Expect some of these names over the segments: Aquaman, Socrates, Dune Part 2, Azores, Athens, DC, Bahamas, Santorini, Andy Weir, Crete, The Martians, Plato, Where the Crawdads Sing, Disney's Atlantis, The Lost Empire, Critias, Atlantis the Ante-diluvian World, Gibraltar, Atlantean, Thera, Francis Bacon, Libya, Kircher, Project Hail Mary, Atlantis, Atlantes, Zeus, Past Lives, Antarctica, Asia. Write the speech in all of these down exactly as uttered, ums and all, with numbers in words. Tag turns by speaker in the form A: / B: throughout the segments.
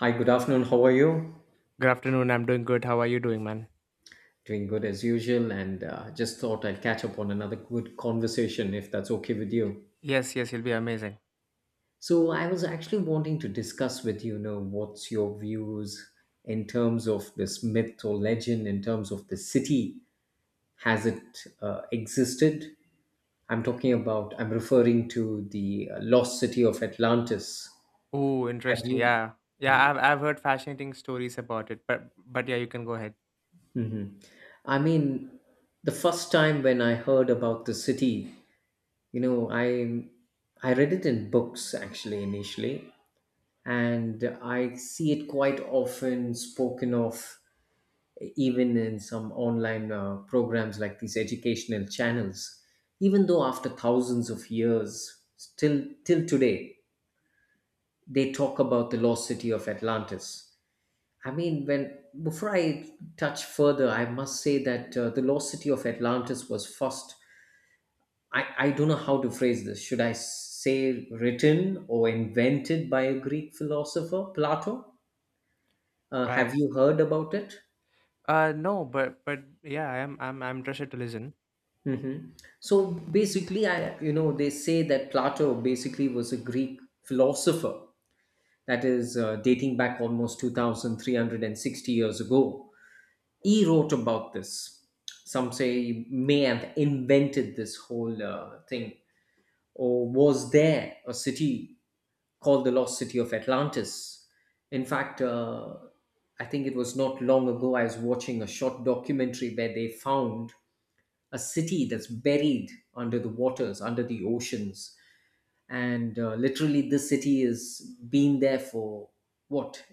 A: Hi, good afternoon. How are you?
B: Good afternoon. I'm doing good. How are you doing, man?
A: Doing good as usual, and uh, just thought I'll catch up on another good conversation if that's okay with you.
B: Yes, yes, he'll be amazing.
A: So, I was actually wanting to discuss with you, you know, what's your views in terms of this myth or legend, in terms of the city. Has it uh, existed? I'm talking about, I'm referring to the uh, lost city of Atlantis.
B: Oh,
A: Have
B: interesting.
A: you?
B: Yeah. Yeah, I've I've heard fascinating stories about it, but but yeah, you can go ahead.
A: Mhm. I mean, the first time when I heard about the city, you know, I I read it in books actually initially, and I see it quite often spoken of even in some online uh, programs like these educational channels. Even though after thousands of years, still till today, they talk about the lost city of Atlantis. I mean, when before I touch further, I must say that uh, the lost city of Atlantis was first. I, I don't know how to phrase this. Should I say written or invented by a Greek philosopher, Plato? Uh,
B: Right.
A: have you heard about it?
B: Uh no, but but yeah, I'm I'm I'm interested to listen.
A: Hmm. So basically, I you know they say that Plato basically was a Greek philosopher that is uh, dating back almost two thousand three hundred and sixty years ago. He wrote about this. Some say he may have invented this whole uh, thing. Or was there a city called the Lost City of Atlantis? In fact, uh, I think it was not long ago I was watching a short documentary where they found a city that's buried under the waters, under the oceans. And uh, literally, this city has been there for what,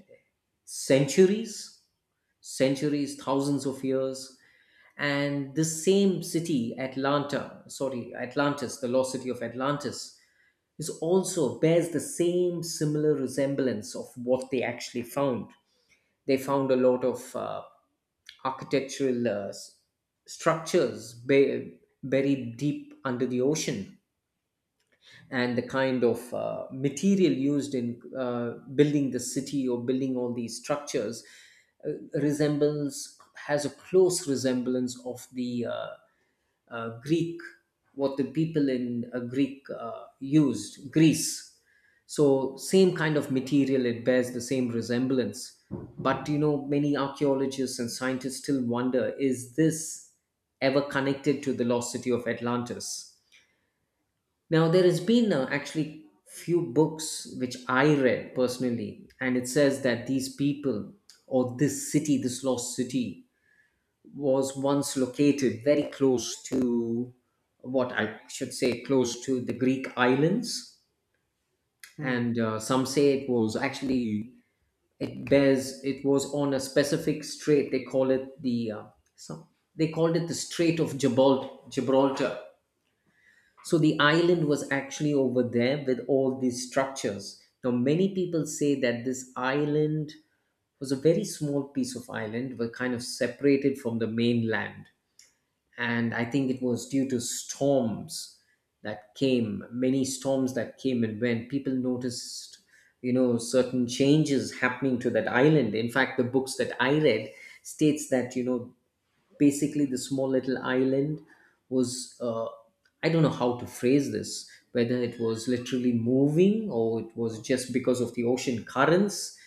A: centuries? Centuries, thousands of years. And this same city, Atlanta, sorry, Atlantis, the lost city of Atlantis, is also bears the same similar resemblance of what they actually found. They found a lot of uh, architectural uh, s- structures bu- buried deep under the ocean, and the kind of uh, material used in uh, building the city or building all these structures uh, resembles has a close resemblance of the uh, uh, Greek, what the people in uh, Greek uh, used, Greece. So same kind of material, it bears the same resemblance. But you know, many archaeologists and scientists still wonder: Is this ever connected to the lost city of Atlantis? Now there has been uh, actually few books which I read personally, and it says that these people or this city, this lost city, was once located very close to, what I should say, close to the Greek islands,
B: Hmm.
A: and uh, some say it was actually, it bears it was on a specific strait. They call it the uh, some, they called it the Strait of Gibral- Gibraltar. So the island was actually over there with all these structures. Now, many people say that this island was a very small piece of island, were kind of separated from the mainland. And I think it was due to storms that came, many storms that came and went. People noticed, you know, certain changes happening to that island. In fact, the books that I read states that, you know, basically the small little island was uh, I don't know how to phrase this, whether it was literally moving or it was just because of the ocean currents,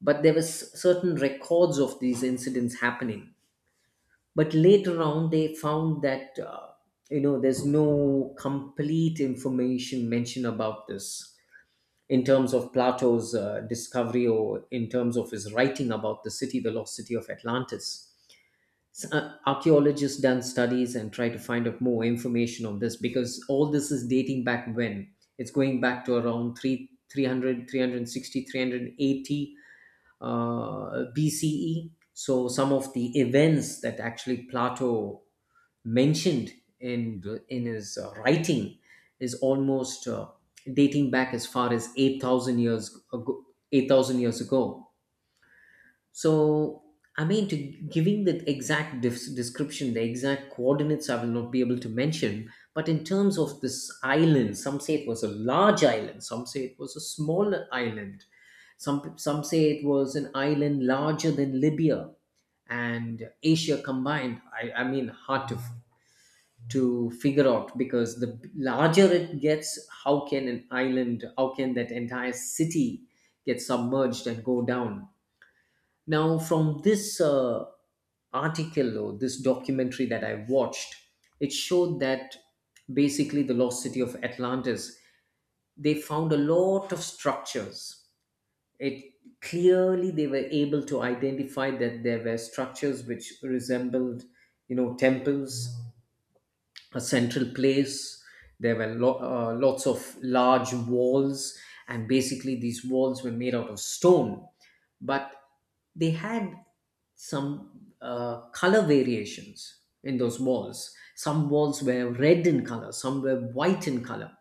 A: but there was certain records of these incidents happening. But later on they found that uh, you know there's no complete information mentioned about this in terms of Plato's uh, discovery or in terms of his writing about the city, the lost city of Atlantis. S- uh, archaeologists done studies and try to find out more information on this because all this is dating back when it's going back to around 3, three hundred, three hundred sixty, three hundred eighty uh, B C E. So some of the events that actually Plato mentioned in the- in his uh, writing is almost uh, dating back as far as eight thousand years ago. eight thousand years ago. So, I mean, to giving the exact dis- description, the exact coordinates, I will not be able to mention. But in terms of this island, some say it was a large island, some say it was a small island, some some say it was an island larger than Libya and Asia combined. I, I mean, hard to to figure out because the larger it gets, how can an island, how can that entire city get submerged and go down? Now, from this uh, article or this documentary that I watched, it showed that basically, the lost city of Atlantis, they found a lot of structures. It Clearly they were able to identify that there were structures which resembled, you know, temples, a central place. There were lo- uh, lots of large walls, and basically these walls were made out of stone, but they had some uh, color variations in those walls. Some walls were red in color, some were white in color,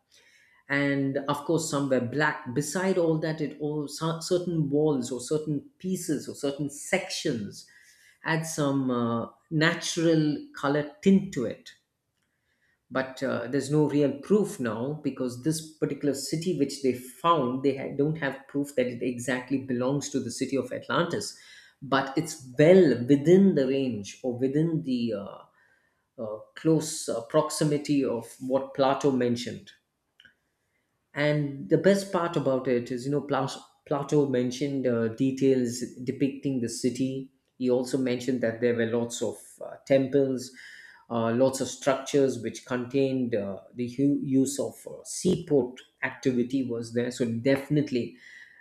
A: and of course, some were black. Beside all that, it all cer- certain walls or certain pieces or certain sections had some uh, natural color tint to it. But uh, there's no real proof now because this particular city which they found, they ha- don't have proof that it exactly belongs to the city of Atlantis, but it's well within the range or within the uh, uh, close uh, proximity of what Plato mentioned. And the best part about it is, you know, Plas- Plato mentioned uh, details depicting the city. He also mentioned that there were lots of uh, temples, uh, lots of structures which contained uh, the hu- use of uh, seaport activity was there. So definitely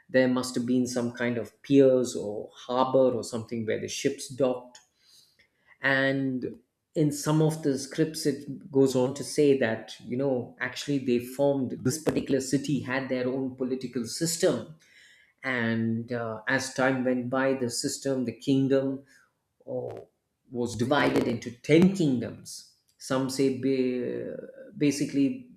A: there must have been some kind of piers or harbor or something where the ships docked. And in some of the scripts, it goes on to say that you know actually they formed, this particular city had their own political system. And uh, as time went by, the system the kingdom oh, was divided into ten kingdoms. Some say ba- basically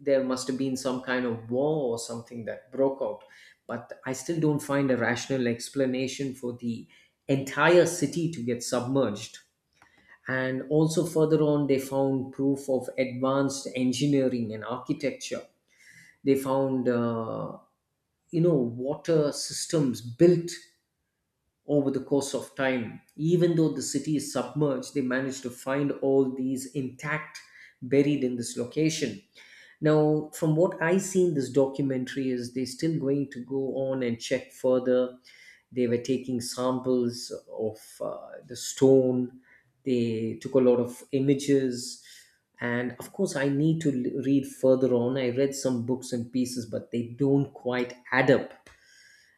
A: there must have been some kind of war or something that broke out, but I still don't find a rational explanation for the entire city to get submerged. And also further on, they found proof of advanced engineering and architecture. They found, uh, you know, water systems built over the course of time. Even though the city is submerged, they managed to find all these intact, buried in this location. Now, from what I see in this documentary, is they're still going to go on and check further. They were taking samples of uh, the stone. They took a lot of images, and of course, I need to l- read further on. I read some books and pieces, but they don't quite add up.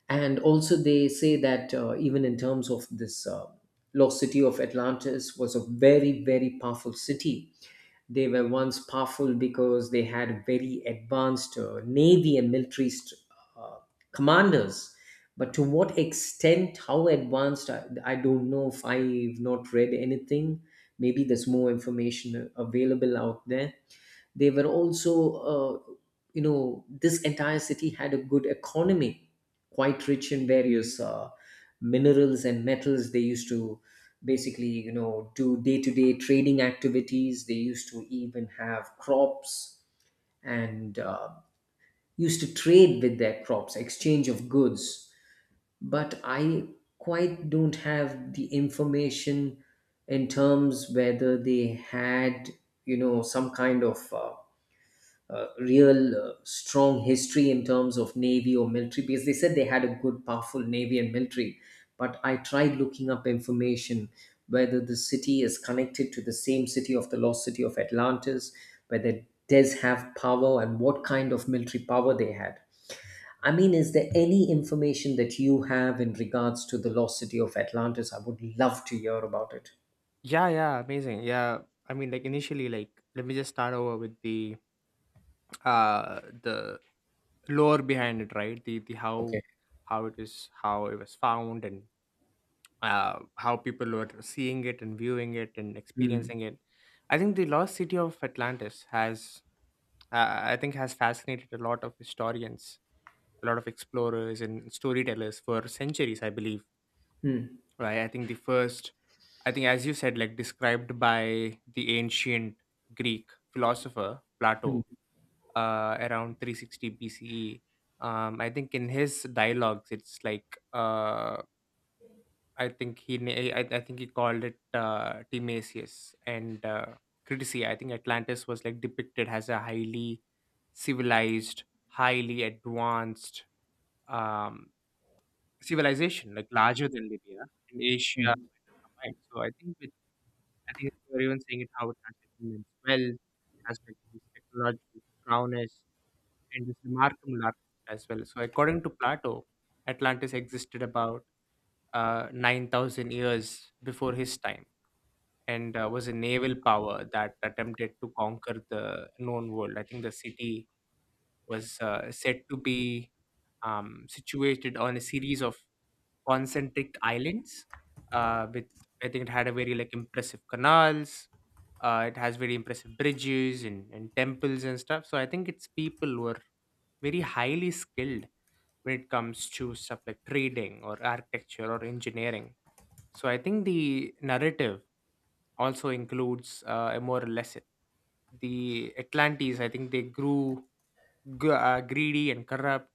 A: And also they say that uh, even in terms of this uh, lost city of Atlantis was a very very powerful city. They were once powerful because they had very advanced uh, navy and military st- uh, commanders, but to what extent, how advanced, I, I don't know. If I've not read anything, maybe there's more information available out there. They were also, uh, you know, this entire city had a good economy, quite rich in various uh, minerals and metals. They used to basically, you know, do day to day trading activities. They used to even have crops, and uh, used to trade with their crops, exchange of goods. But I quite don't have the information in terms whether they had you know some kind of uh, uh, real uh, strong history in terms of navy or military, because they said they had a good powerful navy and military. But I tried looking up information whether the city is connected to the same city of the lost city of Atlantis, whether does have power and what kind of military power they had. I mean, is there any information that you have in regards to the lost city of Atlantis? I would love to hear about it.
B: Yeah, yeah, amazing. Yeah. I mean, like, initially, like, let me just start over with the uh the lore behind it, right? The the how,
A: Okay.
B: how it is, how it was found, and uh, how people were seeing it and viewing it and
A: Hmm.
B: experiencing it. I think the lost city of Atlantis has, uh, I think, has fascinated a lot of historians, a lot of explorers and storytellers for centuries, I believe,
A: Hmm.
B: right? I think the first, I think, as you said, like described by the ancient Greek philosopher
A: Hmm.
B: Plato, uh, around three sixty B C E. Um, I think in his dialogues, it's like. Uh, I think he na- I, I think he called it uh, Timasius and uh, Critici. I think Atlantis was like depicted as a highly civilized, highly advanced um, civilization, like larger than Libya in Asia
A: Hmm.
B: combined. So I think with I think they were even saying it how it has like immense wealth, it has like this technological prowess and this remarkable architecture as well. So according to Plato, Atlantis existed about uh, nine thousand years before his time and uh, was a naval power that attempted to conquer the known world. I think the city was uh, said to be um, situated on a series of concentric islands. Uh, with I think it had a very like impressive canals. Uh, it has very impressive bridges and, and temples and stuff. So I think its people were very highly skilled when it comes to stuff like trading or architecture or engineering. So I think the narrative also includes uh, a more lesson. The Atlantes, I think they grew g- uh, greedy and corrupt,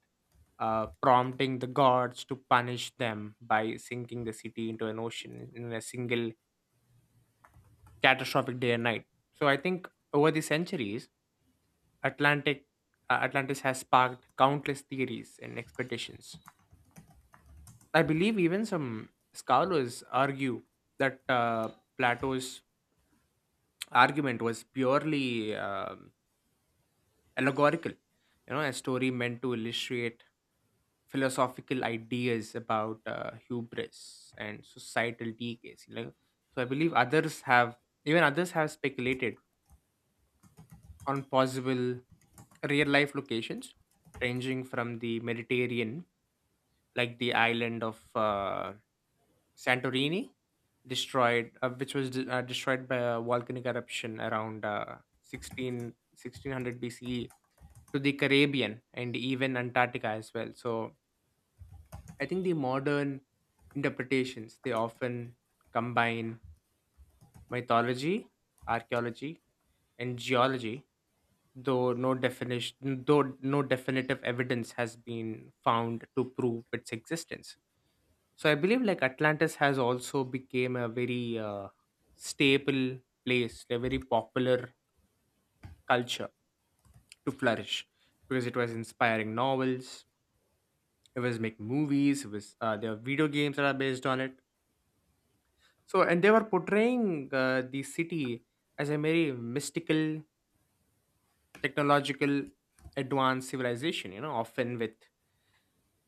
B: uh, prompting the gods to punish them by sinking the city into an ocean in a single catastrophic day and night. So I think over the centuries, Atlantic uh, Atlantis has sparked countless theories and expectations. I believe even some scholars argue that uh, Plato's argument was purely uh, allegorical, you know, a story meant to illustrate philosophical ideas about uh, hubris and societal decays, like. So I believe others have even others have speculated on possible real life locations, ranging from the Mediterranean, like the island of uh, Santorini, destroyed uh, which was de- uh, destroyed by a volcanic eruption around uh, sixteen B C E, to the Caribbean and even Antarctica as well. So I think the modern interpretations they often combine mythology, archaeology, and geology, though no definition, though no definitive evidence has been found to prove its existence. So I believe like Atlantis has also became a very uh, staple place, a very popular culture to flourish, because it was inspiring novels, it was making movies, it was uh, there are video games that are based on it. So, and they were portraying uh, the city as a very mystical, technological, advanced civilization, you know, often with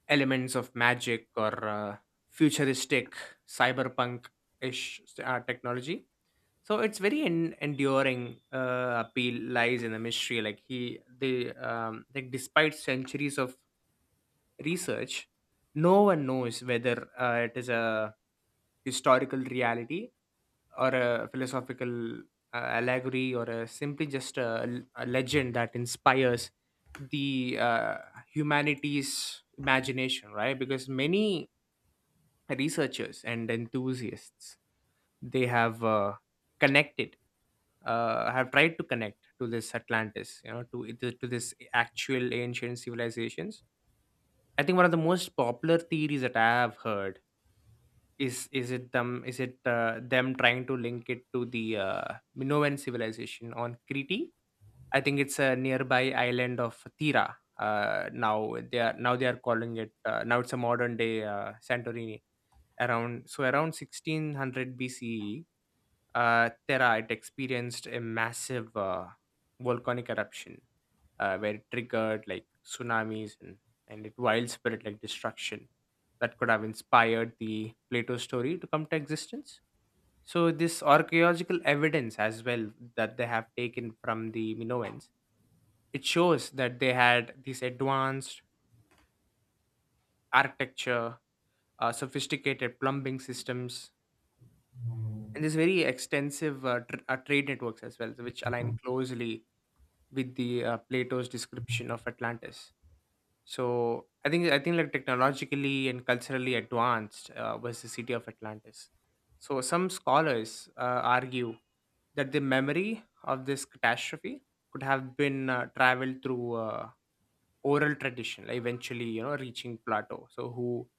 B: elements of magic or uh, futuristic cyberpunk ish uh, technology. So its very en- enduring uh, appeal lies in the mystery, like he they um like despite centuries of research, no one knows whether uh, it is a historical reality or a philosophical uh, allegory, or a simply just a, a legend that inspires the uh, humanity's imagination, right? Because many researchers and enthusiasts, they have uh, connected uh, have tried to connect to this Atlantis, you know, to it- to this actual ancient civilizations. I think one of the most popular theories that I have heard is is it them is it uh, them trying to link it to the uh, Minoan civilization on Crete. I think it's a nearby island of Thera. Uh, now they are now they are calling it uh, now it's a modern day uh, Santorini. Around so around sixteen hundred B C E, uh, Thera it experienced a massive uh, volcanic eruption uh, where it triggered like tsunamis and, and it wild spirit like destruction that could have inspired the Plato story to come to existence. So this archaeological evidence as well, that they have taken from the Minoans, it shows that they had these advanced architecture, uh, sophisticated plumbing systems, and these very extensive uh, tr- uh, trade networks as well, which align closely with the uh, Plato's description of Atlantis. So I think I think like technologically and culturally advanced uh, was the city of Atlantis. So some scholars uh, argue that the memory of this catastrophe could have been uh, traveled through uh, oral tradition, like eventually, you know, reaching Plato. So who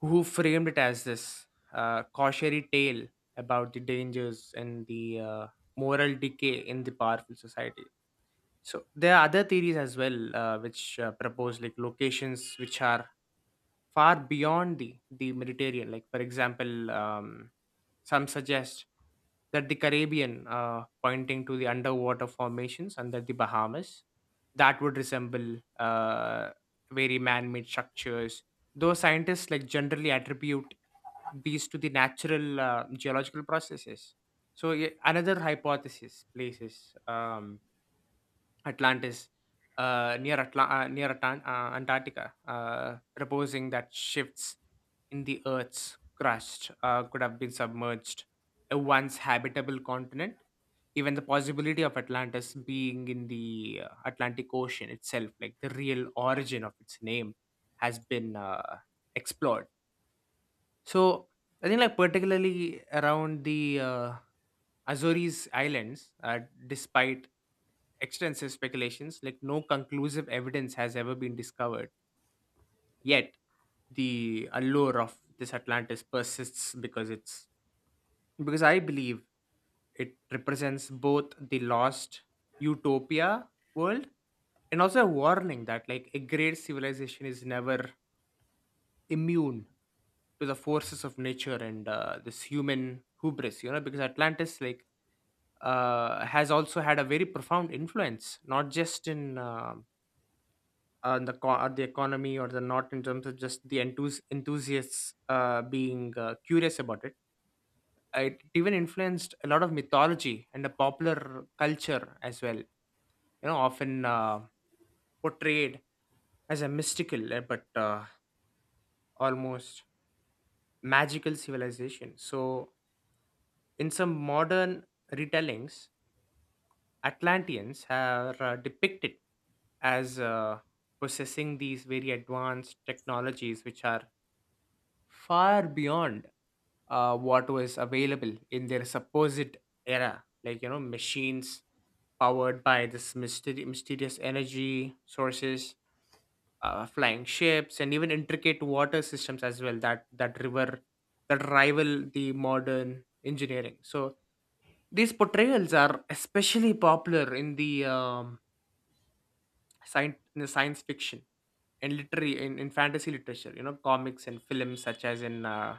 B: who framed it as this uh, cautionary tale about the dangers and the uh, moral decay in the powerful society. So there are other theories as well, uh, which uh, propose like locations which are far beyond the, the Mediterranean. Like, for example, um, some suggest that the Caribbean, uh, pointing to the underwater formations under the Bahamas, that would resemble uh, very man made structures. Though scientists like generally attribute these to the natural uh, geological processes. So, yeah, another hypothesis places. Um, Atlantis, uh, near Atla- uh, near Atan- uh, Antarctica, uh, proposing that shifts in the Earth's crust uh, could have been submerged a once habitable continent. Even the possibility of Atlantis being in the uh, Atlantic Ocean itself, like the real origin of its name, has been uh, explored. So I think like particularly around the uh, Azores Islands, uh, despite extensive speculations, like no conclusive evidence has ever been discovered yet. The allure of this Atlantis persists because it's, because I believe, it represents both the lost utopia world, and also a warning that like a great civilization is never immune to the forces of nature and uh, this human hubris, you know. Because Atlantis like uh, has also had a very profound influence, not just in um, uh, on the co- on the economy, or the, not in terms of just the enthus- enthusiasts uh, being uh, curious about it. Uh, it even influenced a lot of mythology and the popular culture as well, you know, often uh, portrayed as a mystical uh, but uh, almost magical civilization. So, in some modern retellings, Atlanteans are uh, depicted as uh, possessing these very advanced technologies which are far beyond uh, what was available in their supposed era, like, you know, machines powered by this mysteri- mysterious energy sources, uh, flying ships, and even intricate water systems as well, that, that river that rival the modern engineering. So these portrayals are especially popular in the um, science in the science fiction and literary in, in fantasy literature, you know, comics and films such as in uh,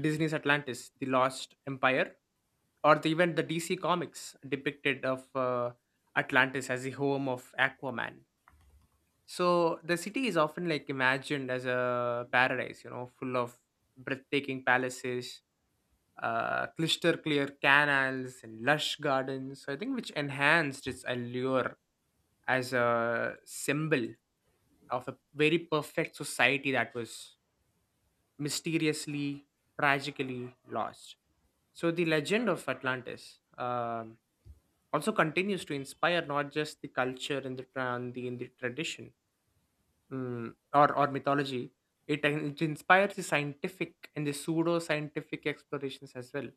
B: Disney's Atlantis, The Lost Empire, or the, even the D C comics depicted of uh, Atlantis as the home of Aquaman. So the city is often like imagined as a paradise, you know, full of breathtaking palaces, uh, crystal clear canals, and lush gardens. So I think which enhanced its allure as a symbol of a very perfect society that was mysteriously, tragically lost. So the legend of Atlantis um, also continues to inspire, not just the culture and the, tra- and the, and the tradition, mm, or or mythology. It, it inspires the scientific and the pseudo scientific explorations as well.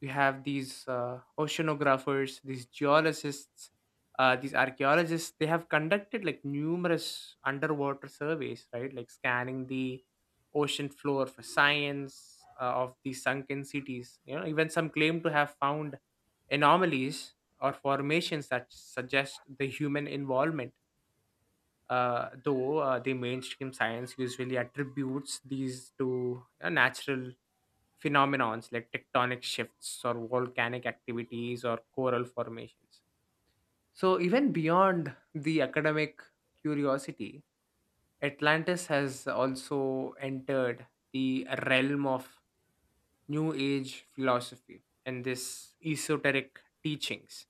B: You have these uh, oceanographers, these geologists, uh, these archaeologists. They have conducted like numerous underwater surveys, right? Like scanning the ocean floor for science uh, of the sunken cities. You know, even some claim to have found anomalies or formations that suggest the human involvement, uh, though uh, the mainstream science usually attributes these to uh, natural phenomenons like tectonic shifts or volcanic activities or coral formations. So, even beyond the academic curiosity, Atlantis has also entered the realm of New Age philosophy and this esoteric teachings,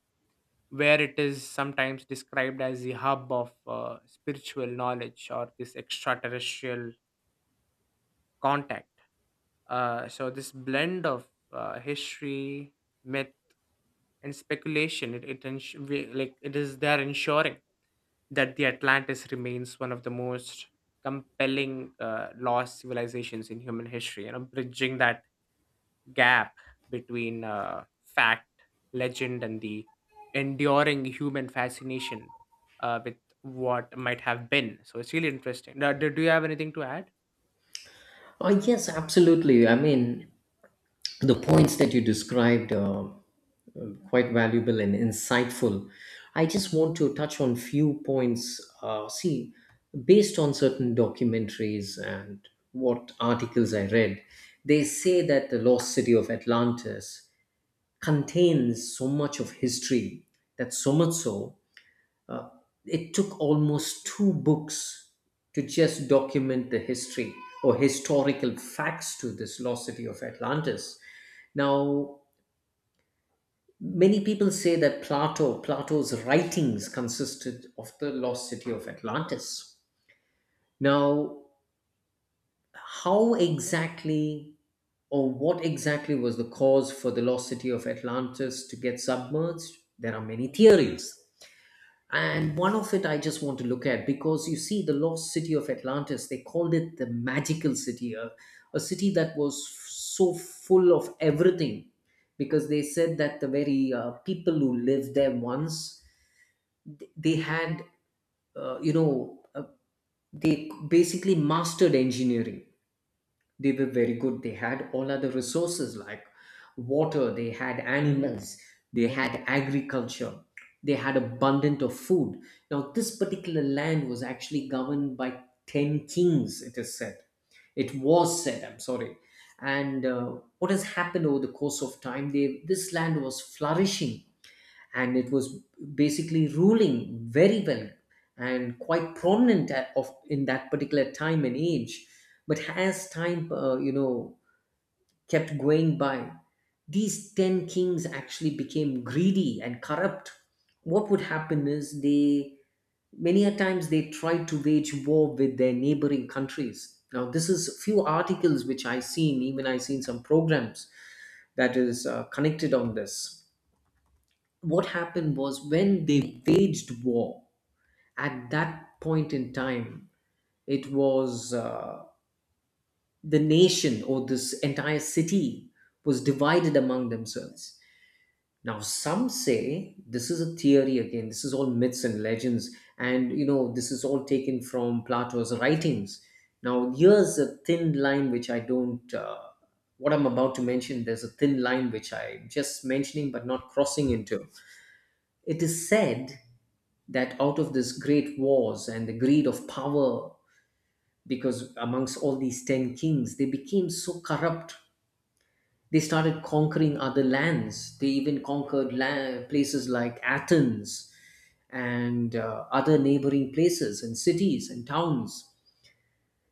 B: where it is sometimes described as the hub of uh, spiritual knowledge or this extraterrestrial contact. Uh, so this blend of uh, history, myth, and speculation, it, it ens- we- like it is there ensuring that the Atlantis remains one of the most compelling uh, lost civilizations in human history, you know, bridging that gap between uh, fact, legend, and the enduring human fascination uh, with what might have been. So it's really interesting. Uh, Do, do you have anything to add?
A: Oh, yes, absolutely. I mean, the points that you described are uh, quite valuable and insightful. I just want to touch on few points. Uh, see, based on certain documentaries and what articles I read, they say that the lost city of Atlantis contains so much of history, that so much so, it took almost two books to just document the history or historical facts to this lost city of Atlantis. Now, many people say that Plato, Plato's writings consisted of the lost city of Atlantis. Now, how exactly or what exactly was the cause for the lost city of Atlantis to get submerged? There are many theories. And one of it I just want to look at because you see, the lost city of Atlantis, they called it the magical city, a, a city that was so full of everything because they said that the very uh, people who lived there once they had uh, you know uh, they basically mastered engineering. They were very good. They had all other resources like water, they had animals, they had agriculture, they had abundant of food. Now this particular land was actually governed by ten kings, it is said. It was said, I'm sorry. And uh, what has happened over the course of time, they this land was flourishing and it was basically ruling very well and quite prominent at, of in that particular time and age. But as time uh, you know kept going by, these ten kings actually became greedy and corrupt. What would happen is they many a times they tried to wage war with their neighboring countries. Now this is few articles which I seen, even I seen some programs that is uh, connected on this. What happened was when they waged war, at that point in time, it was uh, the nation or this entire city was divided among themselves. Now some say this is a theory, again this is all myths and legends, and you know this is all taken from Plato's writings. Now here's a thin line which I don't uh, what I'm about to mention, there's a thin line which I'm just mentioning but not crossing into. It is said that out of this great wars and the greed of power, because amongst all these ten kings, they became so corrupt. They started conquering other lands. They even conquered la- places like Athens and uh, other neighboring places and cities and towns.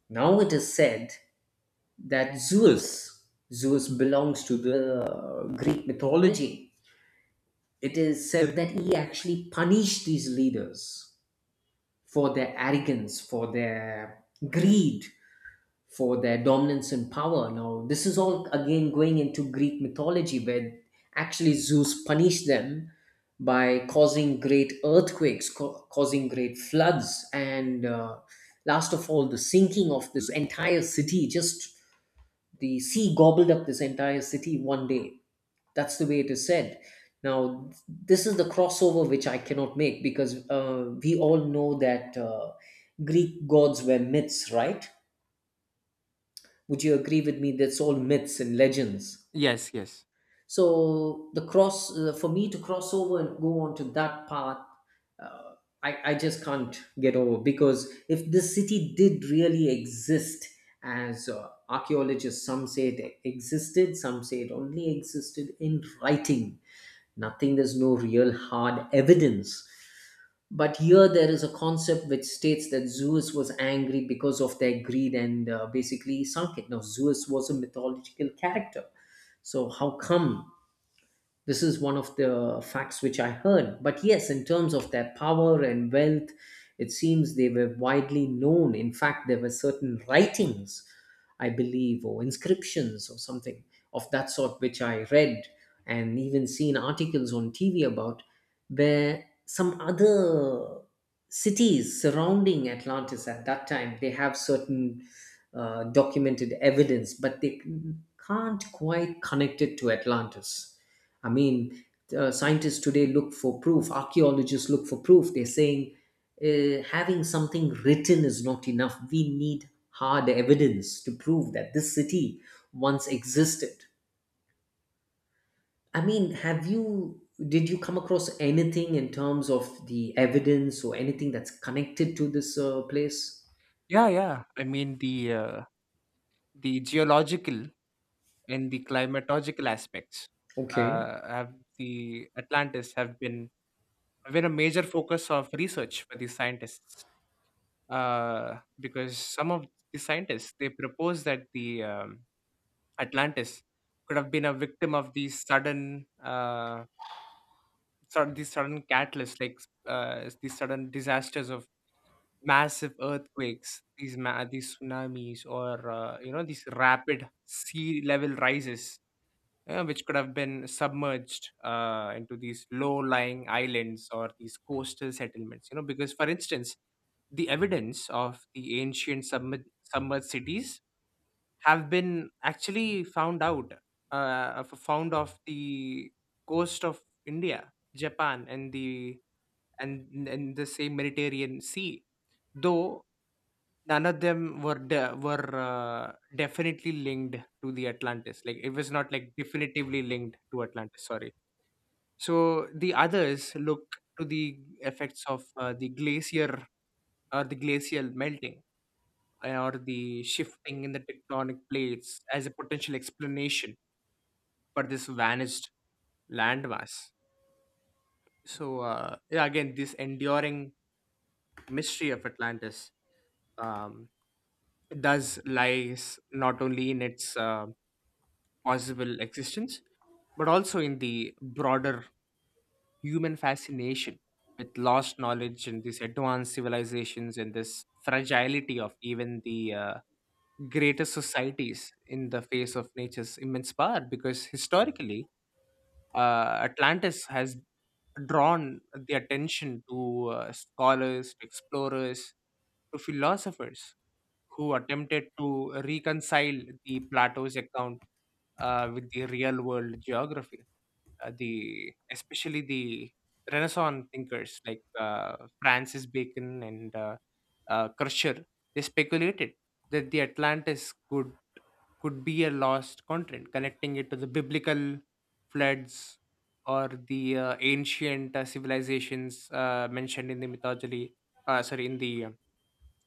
A: Now it is said that Zeus, Zeus belongs to the uh, Greek mythology. It is said that he actually punished these leaders for their arrogance, for their greed, for their dominance and power. Now, this is all again going into Greek mythology, where actually Zeus punished them by causing great earthquakes, ca- causing great floods, and uh, last of all, the sinking of this entire city, just the sea gobbled up this entire city one day. That's the way it is said. Now, this is the crossover which I cannot make because uh, we all know that uh, Greek gods were myths, right? Would you agree with me? That's all myths and legends.
B: Yes, yes.
A: So the cross uh, for me to cross over and go on to that path, uh, I, I just can't get over, because if this city did really exist, as uh, archaeologists, some say it existed, some say it only existed in writing. Nothing, there's no real hard evidence. But here there is a concept which states that Zeus was angry because of their greed and uh, basically sunk it. Now, Zeus was a mythological character. So, how come this is one of the facts which I heard. But yes, in terms of their power and wealth, it seems they were widely known. In fact, there were certain writings, I believe, or inscriptions or something of that sort, which I read and even seen articles on T V about, where some other cities surrounding Atlantis at that time, they have certain uh, documented evidence, but they can't quite connect it to Atlantis. I mean, uh, scientists today look for proof, archaeologists look for proof. They're saying uh, having something written is not enough. We need hard evidence to prove that this city once existed. I mean, have you did you come across anything in terms of the evidence or anything that's connected to this uh, place?
B: Yeah, yeah. I mean the uh, the geological and the climatological aspects
A: Okay.
B: uh, have the Atlantis have been have been a major focus of research for these scientists, uh, because some of the scientists they propose that the um, Atlantis could have been a victim of these sudden, uh, sort of, these sudden catalysts, like uh, these sudden disasters of massive earthquakes, these ma- these tsunamis, or uh, you know, these rapid sea level rises, uh, which could have been submerged uh, into these low lying islands or these coastal settlements. You know, because for instance, the evidence of the ancient submer- submerged cities have been actually found out, uh, f- found off the coast of India, Japan, and the and and the same Mediterranean Sea. Though none of them were de- were uh, definitely linked to the Atlantis. Like, it was not like definitively linked to Atlantis. Sorry. So the others look to the effects of uh, the glacier, or the glacial melting, or the shifting in the tectonic plates as a potential explanation for this vanished landmass. So uh, yeah, again, this enduring mystery of Atlantis um, does lies not only in its uh, possible existence, but also in the broader human fascination with lost knowledge, and these advanced civilizations, and this fragility of even the uh, greatest societies in the face of nature's immense power. Because historically, uh, Atlantis has drawn the attention to uh, scholars, to explorers, to philosophers, who attempted to reconcile the Plato's account uh, with the real world geography, uh, the especially the Renaissance thinkers like uh, Francis Bacon and uh, uh, Kircher. They speculated that the Atlantis could could be a lost content, connecting it to the biblical floods or the uh, ancient uh, civilizations uh, mentioned in the mythology. Uh, sorry, in the uh,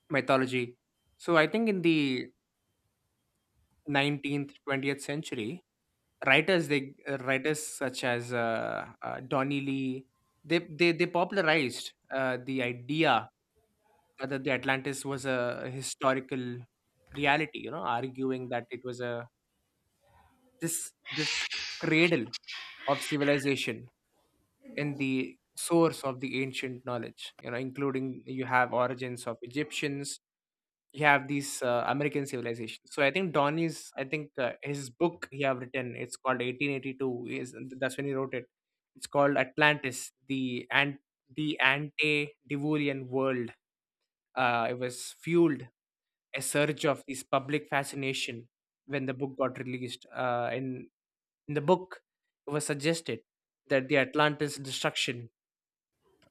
B: mythology. So I think in the nineteenth, twentieth century, writers, they uh, writers such as uh, uh, Donny Lee, they they they popularized uh, the idea that the Atlantis was a historical reality, you know, arguing that it was a this this cradle of civilization and the source of the ancient knowledge, you know, including, you have origins of Egyptians, you have these uh, American civilizations. So I think donnie's I think uh, his book he have written, it's called eighteen eighty-two, is that's when he wrote it. It's called Atlantis, the and the Ante-diluvian World. Uh, it was fueled a surge of this public fascination when the book got released, uh, in in the book, it was suggested that the Atlantis destruction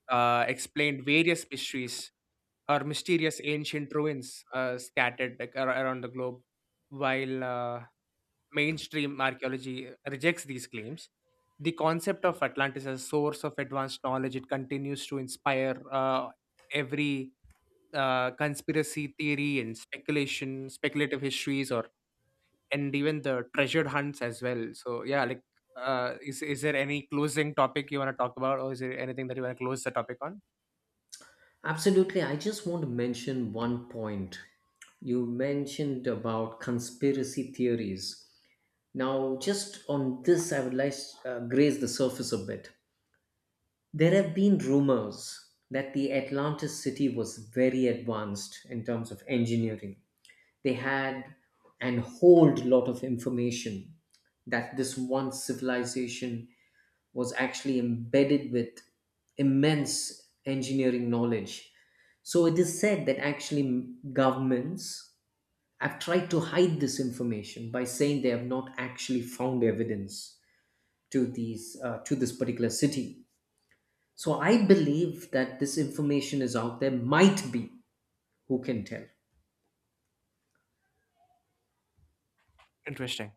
B: uh, explained various mysteries or mysterious ancient ruins, uh, scattered like, ar- around the globe. While uh, mainstream archaeology rejects these claims, the concept of Atlantis as a source of advanced knowledge, it continues to inspire uh, every uh, conspiracy theory and speculation, speculative histories, or and even the treasure hunts as well. So yeah, like uh is, is there any closing topic you want to talk about, or is there anything that you want to close the topic on?
A: Absolutely. I just want to mention one point. You mentioned about conspiracy theories. Now, just on this, I would like to uh, graze the surface a bit. There have been rumors that the Atlantis city was very advanced in terms of engineering. They had an whole lot of information that this one civilization was actually embedded with immense engineering knowledge. So it is said that actually governments have tried to hide this information by saying they have not actually found evidence to these uh, to this particular city. So I believe that this information is out there. Might be. Who can tell?
B: Interesting.